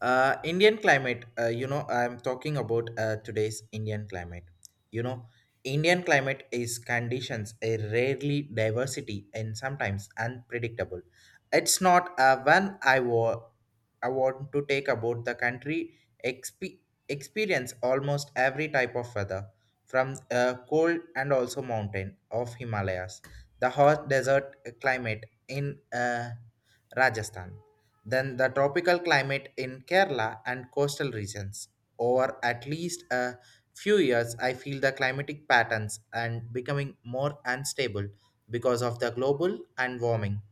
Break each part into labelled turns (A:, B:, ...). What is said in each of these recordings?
A: Indian climate, I'm talking about today's Indian climate. You know, Indian climate is conditions a rarely diversity and sometimes unpredictable. It's not when I wa- I want to take about the country exp- experience almost every type of weather from cold and also mountain of Himalayas, the hot desert climate in Rajasthan than the tropical climate in Kerala and coastal regions. Over at least a few years, I feel the climatic patterns and becoming more unstable because of the global and warming,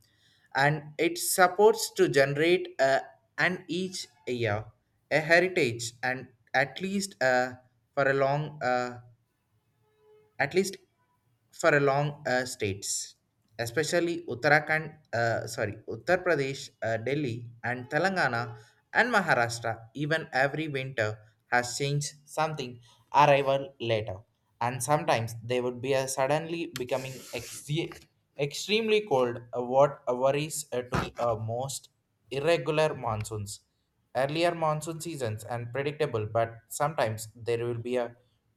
A: and it supports to generate an each year a heritage and at least for a long at least for a long states, especially Uttar Pradesh, Delhi, and Telangana, and Maharashtra. Even every winter has changed something arrival later, and sometimes they would be suddenly becoming extremely cold. What worries to most irregular monsoons. Earlier monsoon seasons and predictable, but sometimes there will be a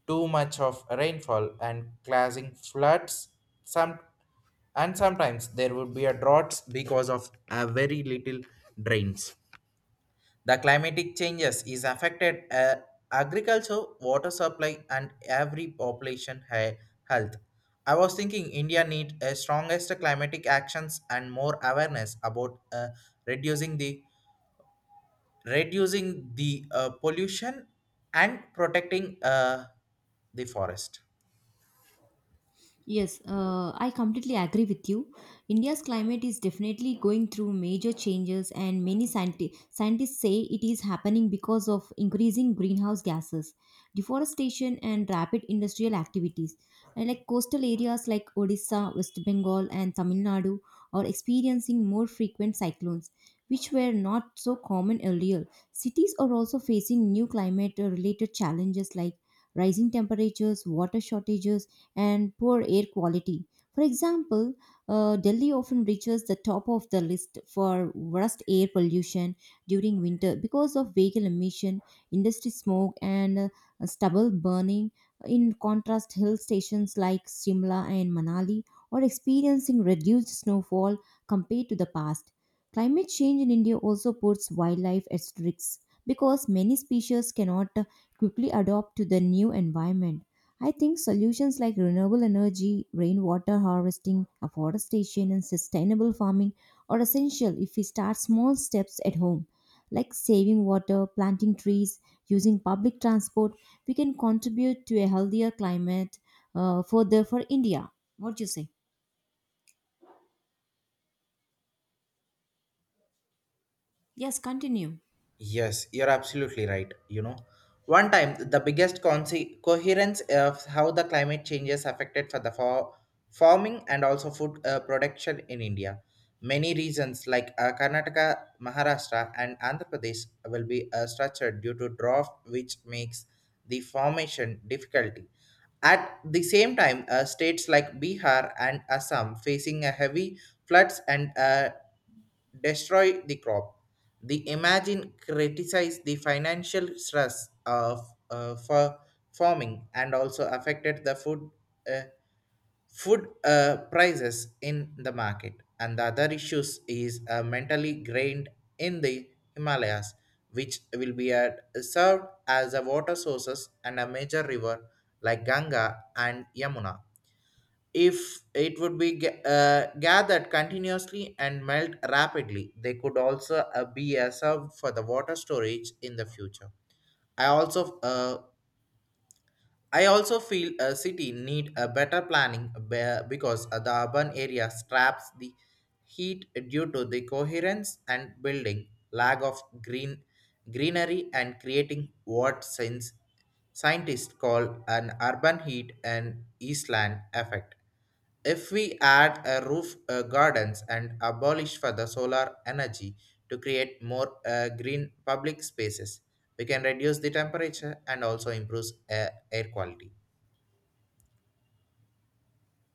A: too much of rainfall and causing floods some, and sometimes there would be a droughts because of a very little drains. The climatic changes is affected agriculture water supply and every population health. I was thinking India need a strongest climatic actions and more awareness about reducing the reducing the pollution and protecting uh, the forest.
B: Yes, I completely agree with you. India's climate is definitely going through major changes, and many scientists say it is happening because of increasing greenhouse gases, deforestation, and rapid industrial activities. And like coastal areas like Odisha, West Bengal, and Tamil Nadu are experiencing more frequent cyclones, which were not so common earlier. Cities are also facing new climate-related challenges like rising temperatures, water shortages and poor air quality. For example, Delhi often reaches the top of the list for worst air pollution during winter because of vehicle emission, industry smoke, and stubble burning. In contrast, hill stations like Shimla and Manali are experiencing reduced snowfall compared to the past. Climate change in India also puts wildlife at risk because many species cannot quickly adapt to the new environment. I think solutions like renewable energy, rainwater harvesting, afforestation, and sustainable farming are essential if we start small steps at home. Like saving water, planting trees, using public transport, we can contribute to a healthier climate further for India. What do you say? Yes, continue.
A: Yes, you're absolutely right. You know, one time the biggest coherence of how the climate changes affected for the farming and also food production in India. Many regions like Karnataka, Maharashtra, and Andhra Pradesh will be structured due to drought, which makes the formation difficulty. At the same time, states like Bihar and Assam facing a heavy floods and destroy the crop. The imagine criticized the financial stress of for farming and also affected the uh, food prices in the market. And the other issues is mentally grained in the Himalayas, which will be served as a water sources and a major river like Ganga and Yamuna. If it would be gathered continuously and melt rapidly, they could also be a serve for the water storage in the future. i also uh, I also feel a city need a better planning because the urban area traps the heat due to the coherence and building, lack of greenery, and creating what since scientists call an urban heat and island effect. If we add a roof gardens and abolish for the solar energy to create more green public spaces, we can reduce the temperature and also improve air quality.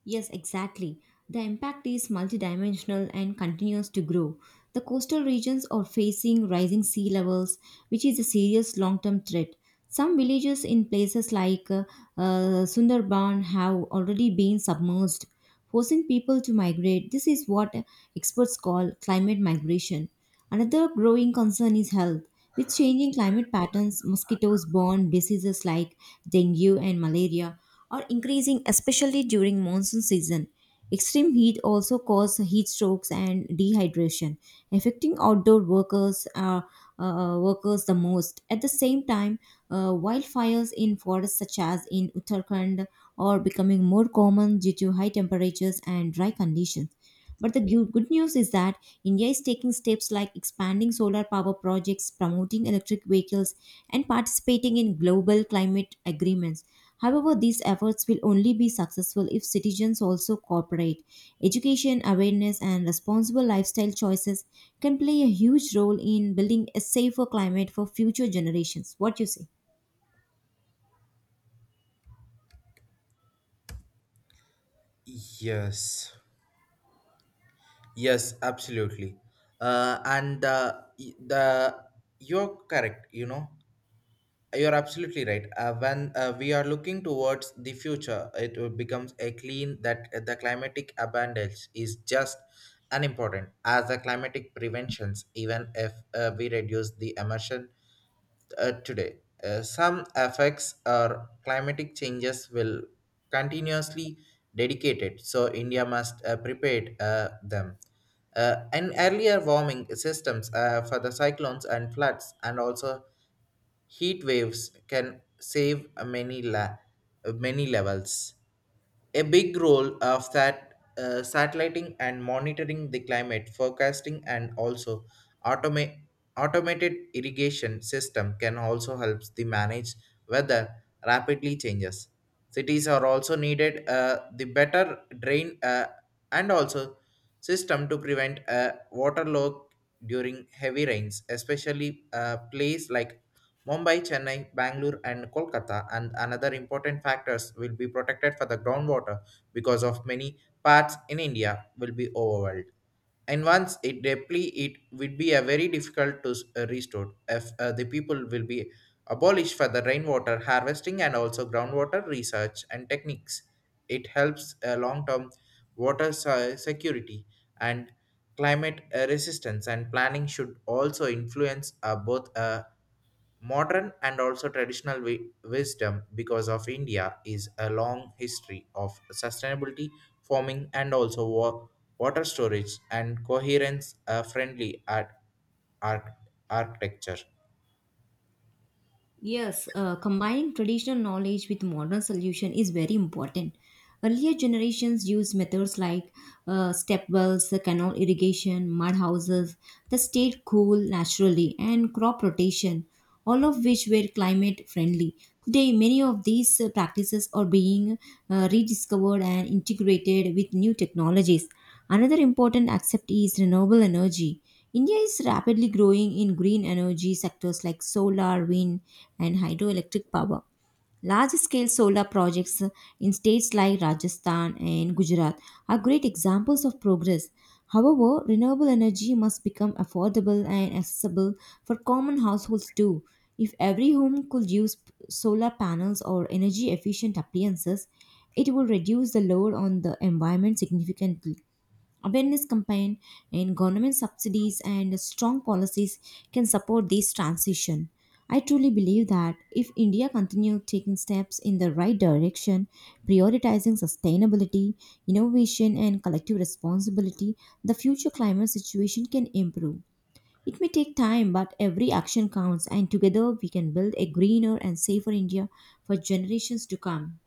B: Yes, exactly. The impact is multidimensional and continues to grow. The coastal regions are facing rising sea levels, which is a serious long term threat. Some villages in places like Sundarban have already been submerged, forcing people to migrate. This is what experts call climate migration. Another growing concern is health. With changing climate patterns, mosquitoes borne diseases like dengue and malaria are increasing, especially during monsoon season. Extreme heat also causes heat strokes and dehydration, affecting outdoor workers the most. At the same time, wildfires in forests such as in Uttarakhand are becoming more common due to high temperatures and dry conditions. But the good news is that India is taking steps like expanding solar power projects, promoting electric vehicles, and participating in global climate agreements. However, these efforts will only be successful if citizens also cooperate. Education, awareness, and responsible lifestyle choices can play a huge role in building a safer climate for future generations. What you say?
A: Yes, yes, absolutely. And the You're correct. You're absolutely right. When we are looking towards the future, it will becomes a clean that the climatic abundance is just unimportant as the climatic preventions, even if we reduce the emission today. Some effects or climatic changes will continuously dedicated, so India must prepare them. And earlier warming systems for the cyclones and floods, and also heat waves can save many la- many levels. A big role of that satelliting and monitoring the climate forecasting, and also automate automated irrigation system can also help the manage weather rapidly changes. Cities are also needed the better drain and also system to prevent water log during heavy rains, especially place like Mumbai, Chennai, Bangalore, and Kolkata, and another important factors will be protected for the groundwater because of many parts in India will be overwhelmed. And once it deplete, it would be a very difficult to restore if the people will be abolished for the rainwater harvesting and also groundwater research and techniques. It helps long-term security and climate resistance and planning should also influence both modern and also traditional wisdom because of India is a long history of sustainability farming and also water storage and coherence friendly at architecture.
B: Yes, combining traditional knowledge with modern solution is very important. Earlier generations used methods like step wells, canal irrigation, mud houses that stayed cool naturally, and crop rotation, all of which were climate friendly. Today, many of these practices are being rediscovered and integrated with new technologies. Another important aspect is renewable energy. India is rapidly growing in green energy sectors like solar, wind, and hydroelectric power. Large scale solar projects in states like Rajasthan and Gujarat are great examples of progress. However, renewable energy must become affordable and accessible for common households too. If every home could use solar panels or energy efficient appliances, it will reduce the load on the environment significantly. Awareness campaign and government subsidies and strong policies can support this transition. I truly believe that if India continues taking steps in the right direction, prioritizing sustainability, innovation, and collective responsibility, the future climate situation can improve. It may take time, but every action counts, and together we can build a greener and safer India for generations to come.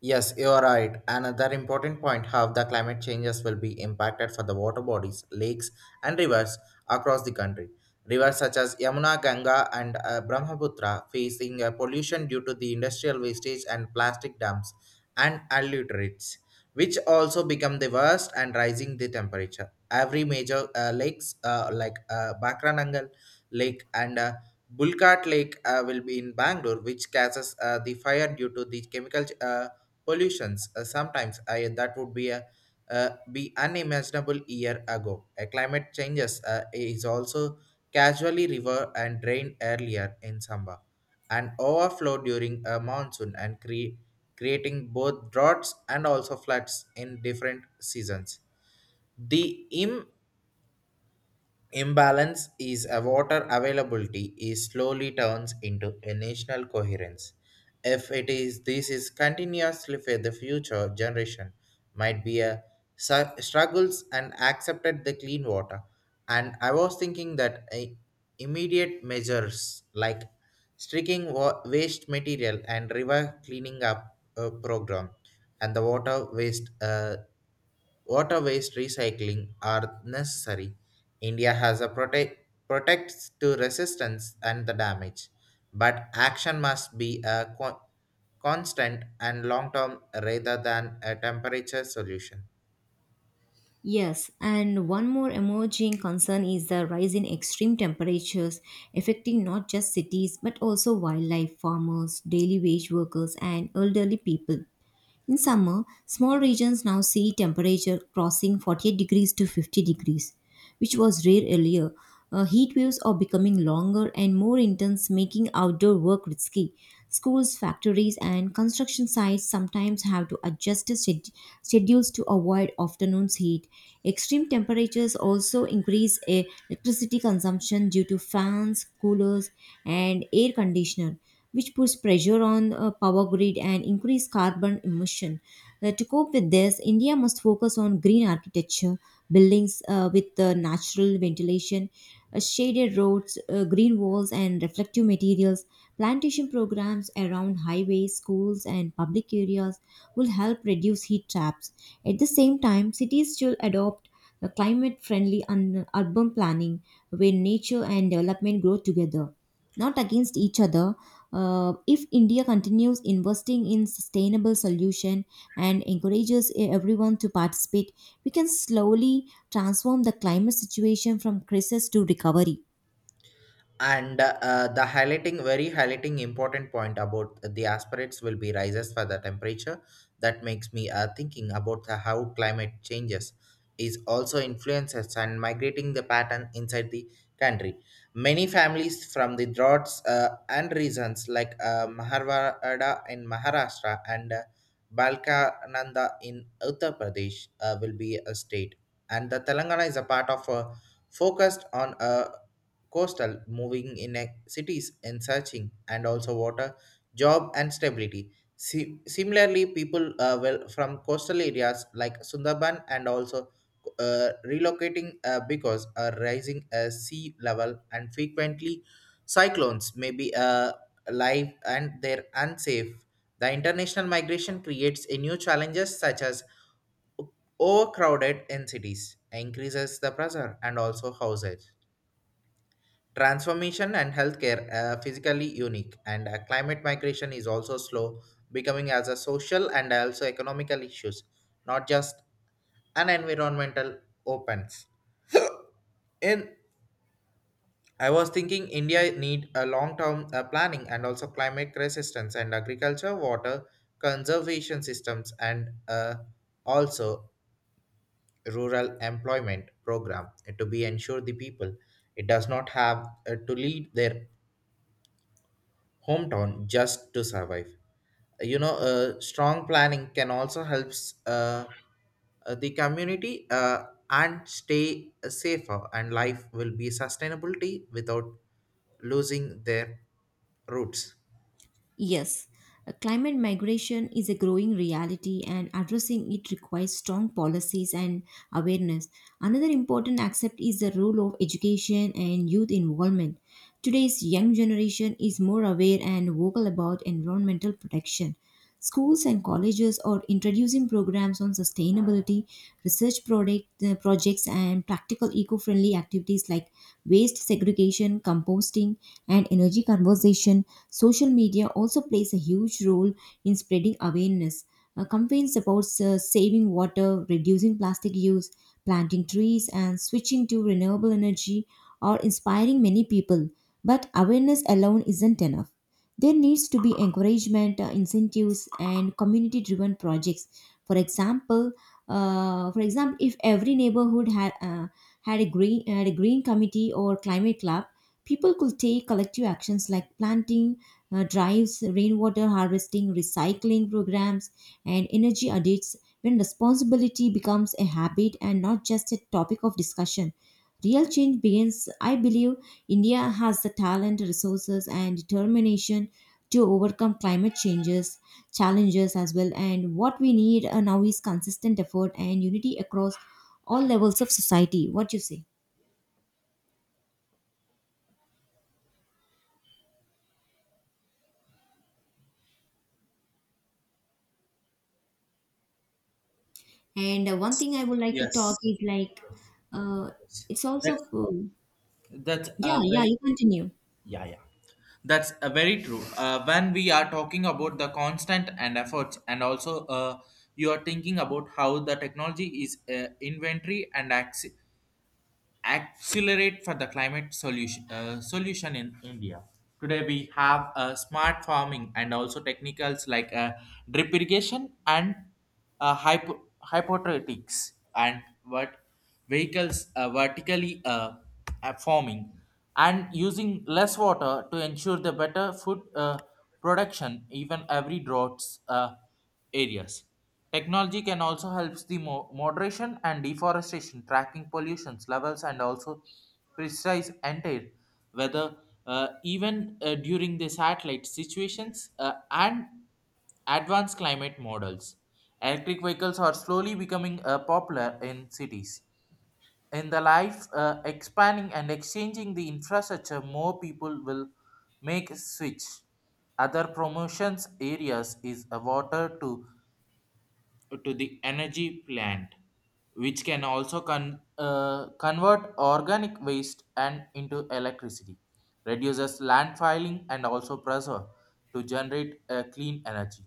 A: Yes, you are right. Another important point how the climate changes will be impacted for the water bodies, lakes, and rivers across the country. Rivers such as Yamuna, Ganga, and Brahmaputra facing pollution due to the industrial wastage and plastic dumps and alliterates, which also become the worst and rising the temperature. Every major lakes like Bakranangal Lake and Bulkat Lake will be in Bangalore, which causes the fire due to the chemical pollutions sometimes I, that would be a be unimaginable year ago. A climate changes is also casually river and drain earlier in summer and overflow during a monsoon, and creating both droughts and also floods in different seasons. The Imbalance is a water availability is slowly turns into a national coherence. If it is this is continuously for the future generation, might be a struggles and accepted the clean water. And I was thinking that a immediate measures like streaking waste material and river cleaning up program and the water waste recycling are necessary. India has a protects to resistance and the damage, but action must be a constant and long term rather than a temperature solution.
B: Yes, and one more emerging concern is the rise in extreme temperatures affecting not just cities but also wildlife, farmers, daily wage workers, and elderly people. In summer, small regions now see temperature crossing 48 degrees to 50 degrees, which was rare earlier. Heat waves are becoming longer and more intense, making outdoor work risky. Schools, factories, and construction sites sometimes have to adjust their schedules to avoid afternoon's heat. Extreme temperatures also increase electricity consumption due to fans, coolers, and air conditioner which puts pressure on power grid and increase carbon emission. To cope with this, India must focus on green architecture, buildings with natural ventilation, shaded roads, green walls, and reflective materials. Plantation programs around highways, schools, and public areas will help reduce heat traps. At the same time, cities should adopt a climate friendly and urban planning where nature and development grow together, not against each other. If India continues investing in sustainable solution and encourages everyone to participate, we can slowly transform the climate situation from crisis to recovery.
A: And the highlighting very highlighting important point about the aspirates will be rises for the temperature that makes me thinking about the how climate changes is also influences and migrating the pattern inside the country. Many families from the droughts and reasons like maharwada in maharashtra and balkananda in uttar pradesh will be a state, and the telangana is a part of a focused on coastal moving in cities and searching and also water, job, and stability. Similarly, people well from coastal areas like Sundarban and also relocating because a rising sea level and frequently cyclones may be live and they're unsafe. The international migration creates a new challenges such as overcrowded in cities, increases the pressure and also houses. Transformation and healthcare are physically unique, and climate migration is also slow, becoming as a social and also economical issues, not just an environmental opens. In, I was thinking India need a long-term planning and also climate resistance and agriculture, water conservation systems, and also rural employment program to be ensure the people it does not have to lead their hometown just to survive. Strong planning can also helps the community and stay safer, and life will be sustainability without losing their roots.
B: Yes, climate migration is a growing reality and addressing it requires strong policies and awareness. Another important aspect is the role of education and youth involvement. Today's young generation is more aware and vocal about environmental protection. Schools and colleges are introducing programs on sustainability, research projects, and practical eco friendly activities like waste segregation, composting, and energy conservation. Social media also plays a huge role in spreading awareness. Campaigns about saving water, reducing plastic use, planting trees, and switching to renewable energy are inspiring many people. But awareness alone isn't enough. There needs to be encouragement, incentives, and community-driven projects. For example, for example, if every neighborhood had a green committee or climate club, people could take collective actions like planting drives, rainwater harvesting, recycling programs, and energy audits. When responsibility becomes a habit and not just a topic of discussion, real change begins. I believe India has the talent, resources, and determination to overcome climate changes, challenges as well. And what we need now is consistent effort and unity across all levels of society. What you say? And one thing I would like to talk
A: Yes,
B: is like, uh,
A: yes.
B: it's also,
A: that's that's
B: yeah,
A: a
B: yeah,
A: very
B: you continue.
A: Yeah, yeah. That's a very true. When we are talking about the constant and efforts, and also you are thinking about how the technology is inventory and access accelerate for the climate solution solution in India. Today we have smart farming and also technicals like drip irrigation and uh, hypo- hypothetics and what vehicles vertically farming and using less water to ensure the better food production even every droughts areas. Technology can also helps the moderation and deforestation, tracking pollution levels, and also precise entire weather, even during the satellite situations and advanced climate models. Electric vehicles are slowly becoming popular in cities. In the life, expanding and exchanging the infrastructure, more people will make a switch. Other promotions areas is water to the energy plant, which can also convert organic waste and into electricity, reduces landfilling and also pressure to generate clean energy.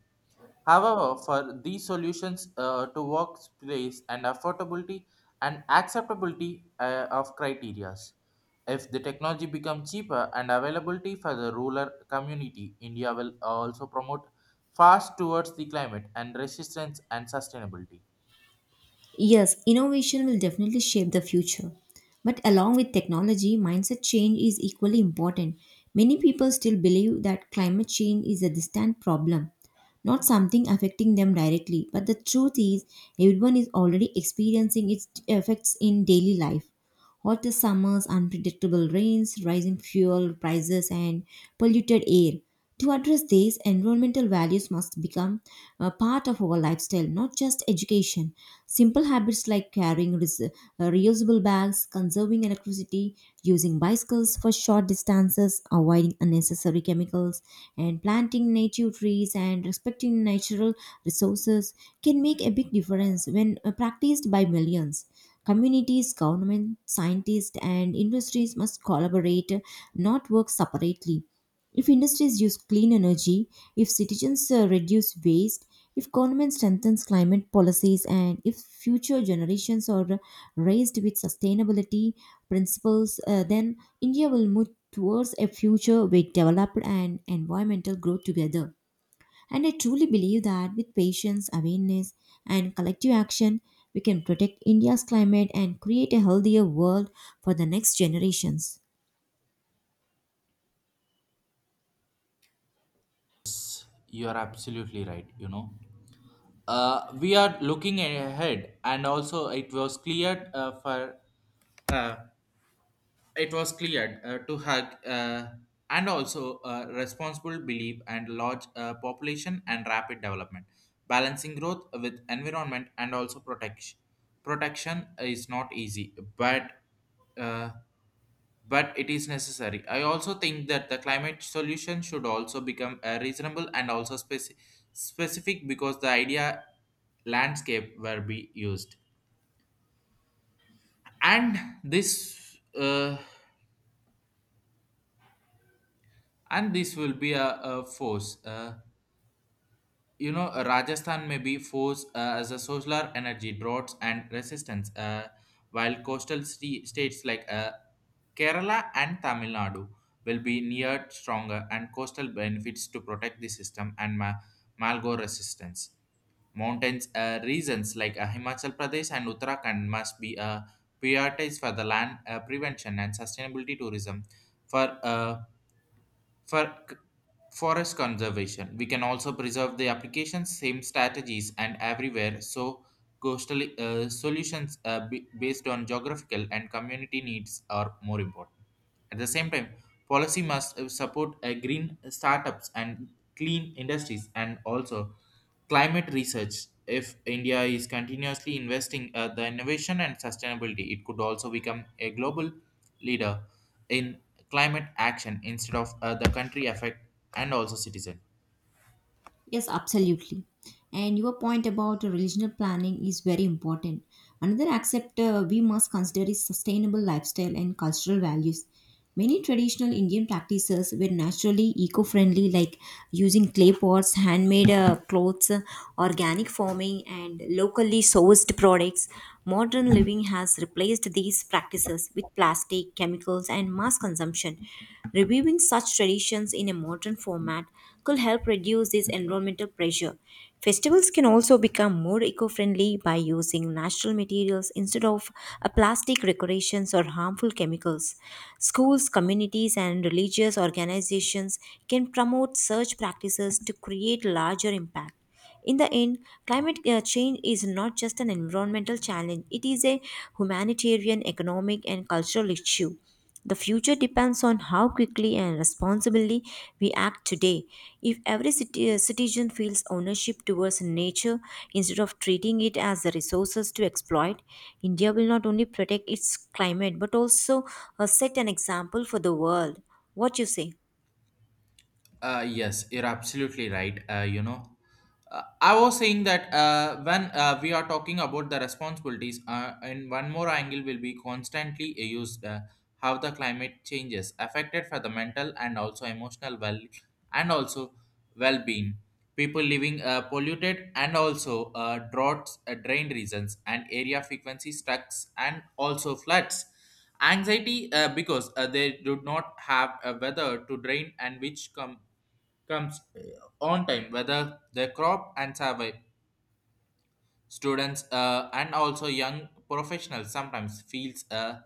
A: However, for these solutions to workplace and affordability and acceptability of criterias, if the technology becomes cheaper and availability for the rural community, India will also promote fast towards the climate and resistance and sustainability.
B: Yes, innovation will definitely shape the future. But along with technology, mindset change is equally important. Many people still believe that climate change is a distant problem, not something affecting them directly. But the truth is, everyone is already experiencing its effects in daily life. Hot summers, unpredictable rains, rising fuel prices, and polluted air. To address these, environmental values must become a part of our lifestyle, not just education. Simple habits like carrying reusable bags, conserving electricity, using bicycles for short distances, avoiding unnecessary chemicals, and planting native trees and respecting natural resources can make a big difference when practiced by millions. Communities, government, scientists, and industries must collaborate, not work separately. If industries use clean energy, if citizens reduce waste, if government strengthens climate policies, and if future generations are raised with sustainability principles, then India will move towards a future with developed and environmental growth together. And I truly believe that with patience, awareness, and collective action, we can protect India's climate and create a healthier world for the next generations.
A: You are absolutely right. We are looking ahead, and also it was clear for. Uh, it was cleared to hug and also responsible belief and large population and rapid development, balancing growth with environment and also protection is not easy, uh, but it is necessary. I also think that the climate solution should also become reasonable and also specific because the idea landscape will be used, and this uh, this will be a force. Rajasthan may be forced as a solar energy droughts and resistance while coastal states like Kerala and Tamil Nadu will be near stronger and coastal benefits to protect the system and malgo resistance. Mountains regions like Himachal Pradesh and Uttarakhand must be prioritized for the land prevention and sustainability tourism for uh, for forest conservation, we can also preserve the applications, same strategies, and everywhere. So, coastal solutions based on geographical and community needs are more important. At the same time, policy must support green startups and clean industries, and also climate research if india is continuously investing the innovation and sustainability it could also become a global leader in climate action instead of the country effect and also citizen.
B: Yes, absolutely. And your point about regional planning is very important. Another aspect we must consider is sustainable lifestyle and cultural values. Many traditional Indian practices were naturally eco friendly, like using clay pots, handmade clothes, organic farming, and locally sourced products. Modern living has replaced these practices with plastic, chemicals, and mass consumption. Reviewing such traditions in a modern format could help reduce this environmental pressure. Festivals can also become more eco-friendly by using natural materials instead of plastic decorations or harmful chemicals. Schools, communities and religious organizations can promote such practices to create larger impact. In the end, climate change is not just an environmental challenge, it is a humanitarian, economic, and cultural issue. The future depends on how quickly and responsibly we act today. If every citizen feels ownership towards nature instead of treating it as a resources to exploit, India will not only protect its climate but also set an example for the world. What you say?
A: Yes, you're absolutely right. I was saying that when we are talking about the responsibilities, and one more angle will be constantly used how the climate changes affected for the mental and also emotional well and also well-being. People living polluted and also droughts, drain reasons, and area frequency strikes and also floods anxiety because they do not have a weather to drain and which comes on time, whether the crop and survive. Students and also young professionals sometimes feels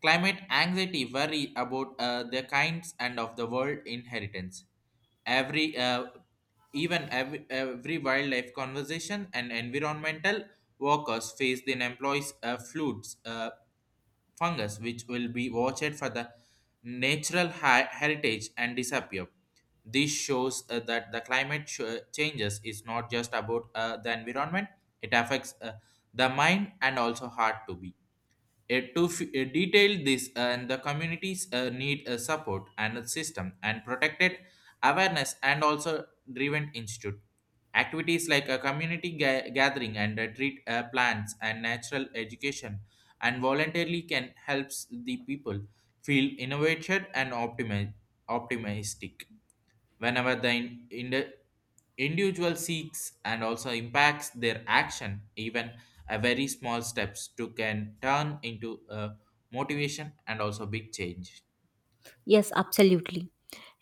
A: climate anxiety worry about the kinds and of the world inheritance. Every uh, every wildlife conservation and environmental workers face the employees floods. Fungus, which will be watched for the natural heritage and disappear. This shows that the climate changes is not just about the environment; it affects the mind and also heart to be. Detail this and the communities need a support and a system and protected awareness and also driven institute activities like a community gathering and treat plants and natural education and voluntarily can helps the people feel innovated and optimistic whenever the individual seeks and also impacts their action even a very small steps to can turn into a motivation and also big change
B: Yes, absolutely.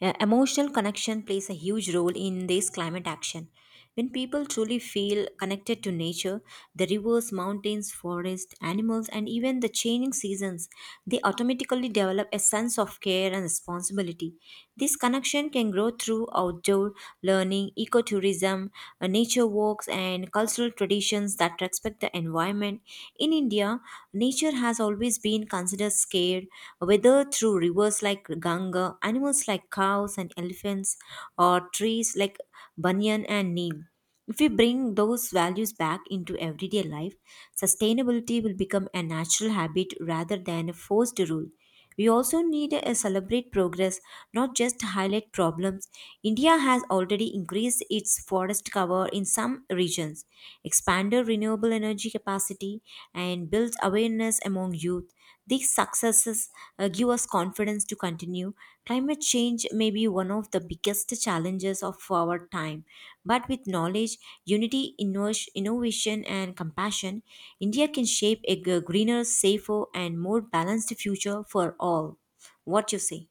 B: Emotional connection plays a huge role in this climate action. When people truly feel connected to nature, the rivers, mountains, forests, animals, and even the changing seasons, they automatically develop a sense of care and responsibility. This connection can grow through outdoor learning, ecotourism, nature walks, and cultural traditions that respect the environment. In India, nature has always been considered scared, whether through rivers like Ganga, animals like cows and elephants, or trees like banyan and neem. If we bring those values back into everyday life, sustainability will become a natural habit rather than a forced rule. We also need to celebrate progress, not just highlight problems. India has already increased its forest cover in some regions, expanded renewable energy capacity, and built awareness among youth. These successes give us confidence to continue. Climate change may be one of the biggest challenges of our time, but with knowledge, unity, innovation, and compassion, India can shape a greener, safer, and more balanced future for all. What you say?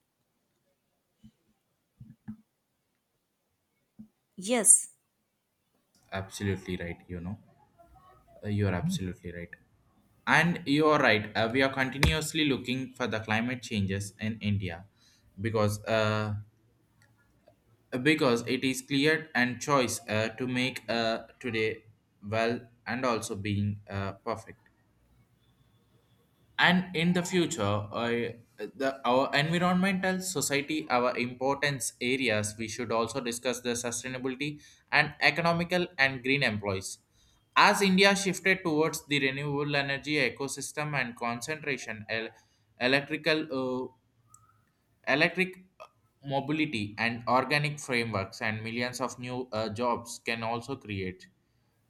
B: Yes.
A: absolutely right you know. You are absolutely right and you are right we are continuously looking for the climate changes in india because because it is clear and choice to make today well and also being perfect and in the future I, the our environmental society our importance areas we should also discuss the sustainability and economical and green employees as india shifted towards the renewable energy ecosystem and concentration electrical electric mobility and organic frameworks and millions of new jobs can also create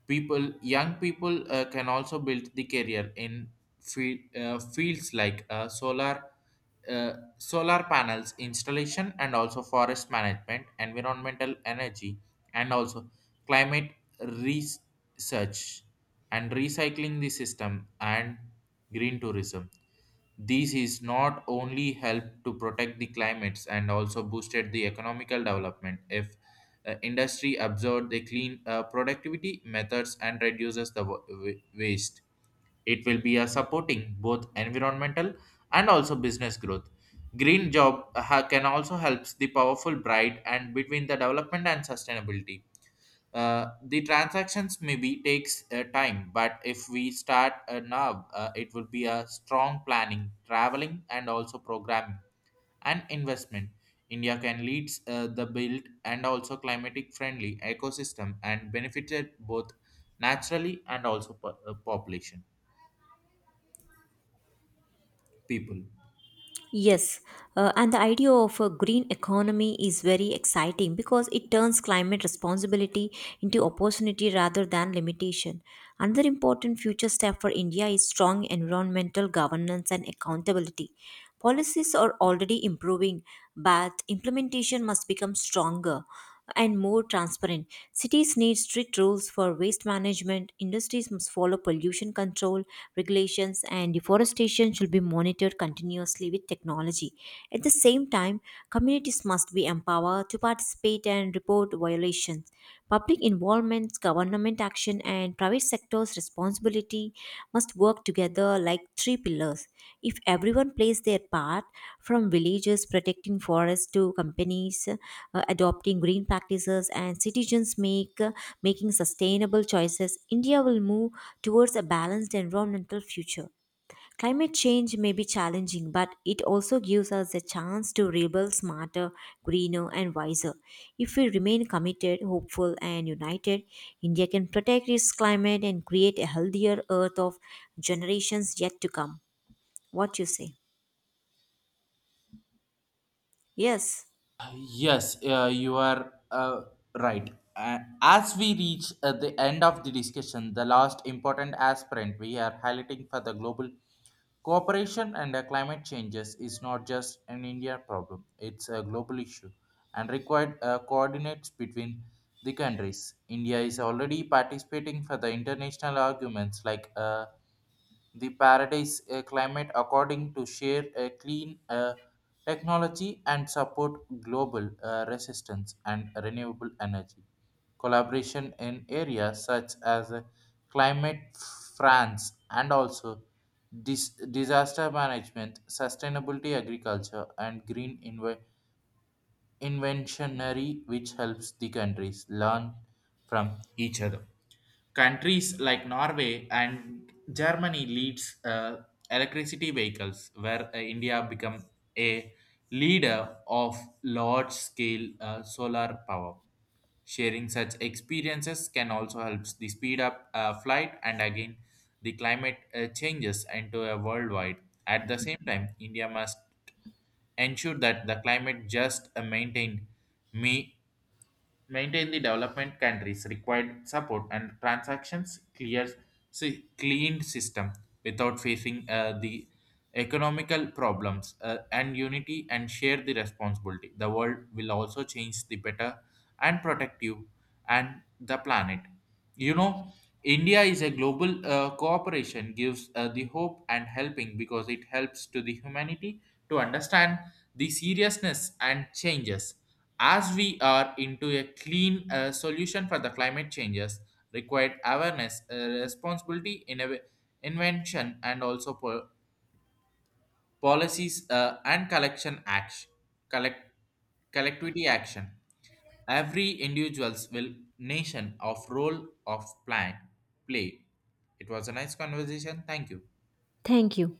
A: people young people can also build the career in fields like solar solar panels installation and also forest management environmental energy and also climate research and recycling the system and green tourism this is not only help to protect the climates and also boosted the economical development if the industry absorbs the clean productivity methods and reduces the waste. It will be a supporting both environmental and also business growth. Green job can also helps the powerful bride and between the development and sustainability. The transactions maybe takes time, but if we start now, it will be a strong planning, traveling, and also programming and investment. India can lead the build and also climatic friendly ecosystem and benefited both naturally and also population people.
B: Yes, and the idea of a green economy is very exciting because it turns climate responsibility into opportunity rather than limitation. Another important future step for India is strong environmental governance and accountability. Policies are already improving, but implementation must become stronger and more transparent. Cities need strict rules for waste management, industries must follow pollution control regulations, and deforestation should be monitored continuously with technology. At the same time, communities must be empowered to participate and report violations. Public involvement, government action, and private sector's responsibility must work together like three pillars. If everyone plays their part, from villagers protecting forests to companies adopting green practices and citizens make making sustainable choices, India will move towards a balanced environmental future. Climate change may be challenging, but it also gives us a chance to rebuild smarter, greener, and wiser. If we remain committed, hopeful, and united, India can protect its climate and create a healthier earth of generations yet to come. What you say? Yes.
A: Yes, you are right. As we reach the end of the discussion, the last important aspirant we are highlighting for the global cooperation and climate changes is not just an India problem, it's a global issue and required coordinates between the countries. India is already participating for the international arguments like the paradise climate according to share a clean technology and support global resistance and renewable energy collaboration in areas such as climate france and also disaster management sustainability agriculture and green inventionary which helps the countries learn from each other. Countries like Norway and Germany leads electricity vehicles, where India become a leader of large-scale solar power. Sharing such experiences can also help the speed up flight and again the climate changes into a worldwide. At the same time, India must ensure that the climate just me maintain the development countries required support and transactions clear cleaned system without facing the economical problems and unity and share the responsibility the world will also change the better and protect you and the planet you know india is a global cooperation gives the hope and helping because it helps to the humanity to understand the seriousness and changes as we are into a clean solution for the climate changes, required awareness, responsibility, invention, and also policies and collection action, collect- collectivity action. Every individual's will nation of role of plan play. It was a nice conversation. Thank you.
B: Thank you.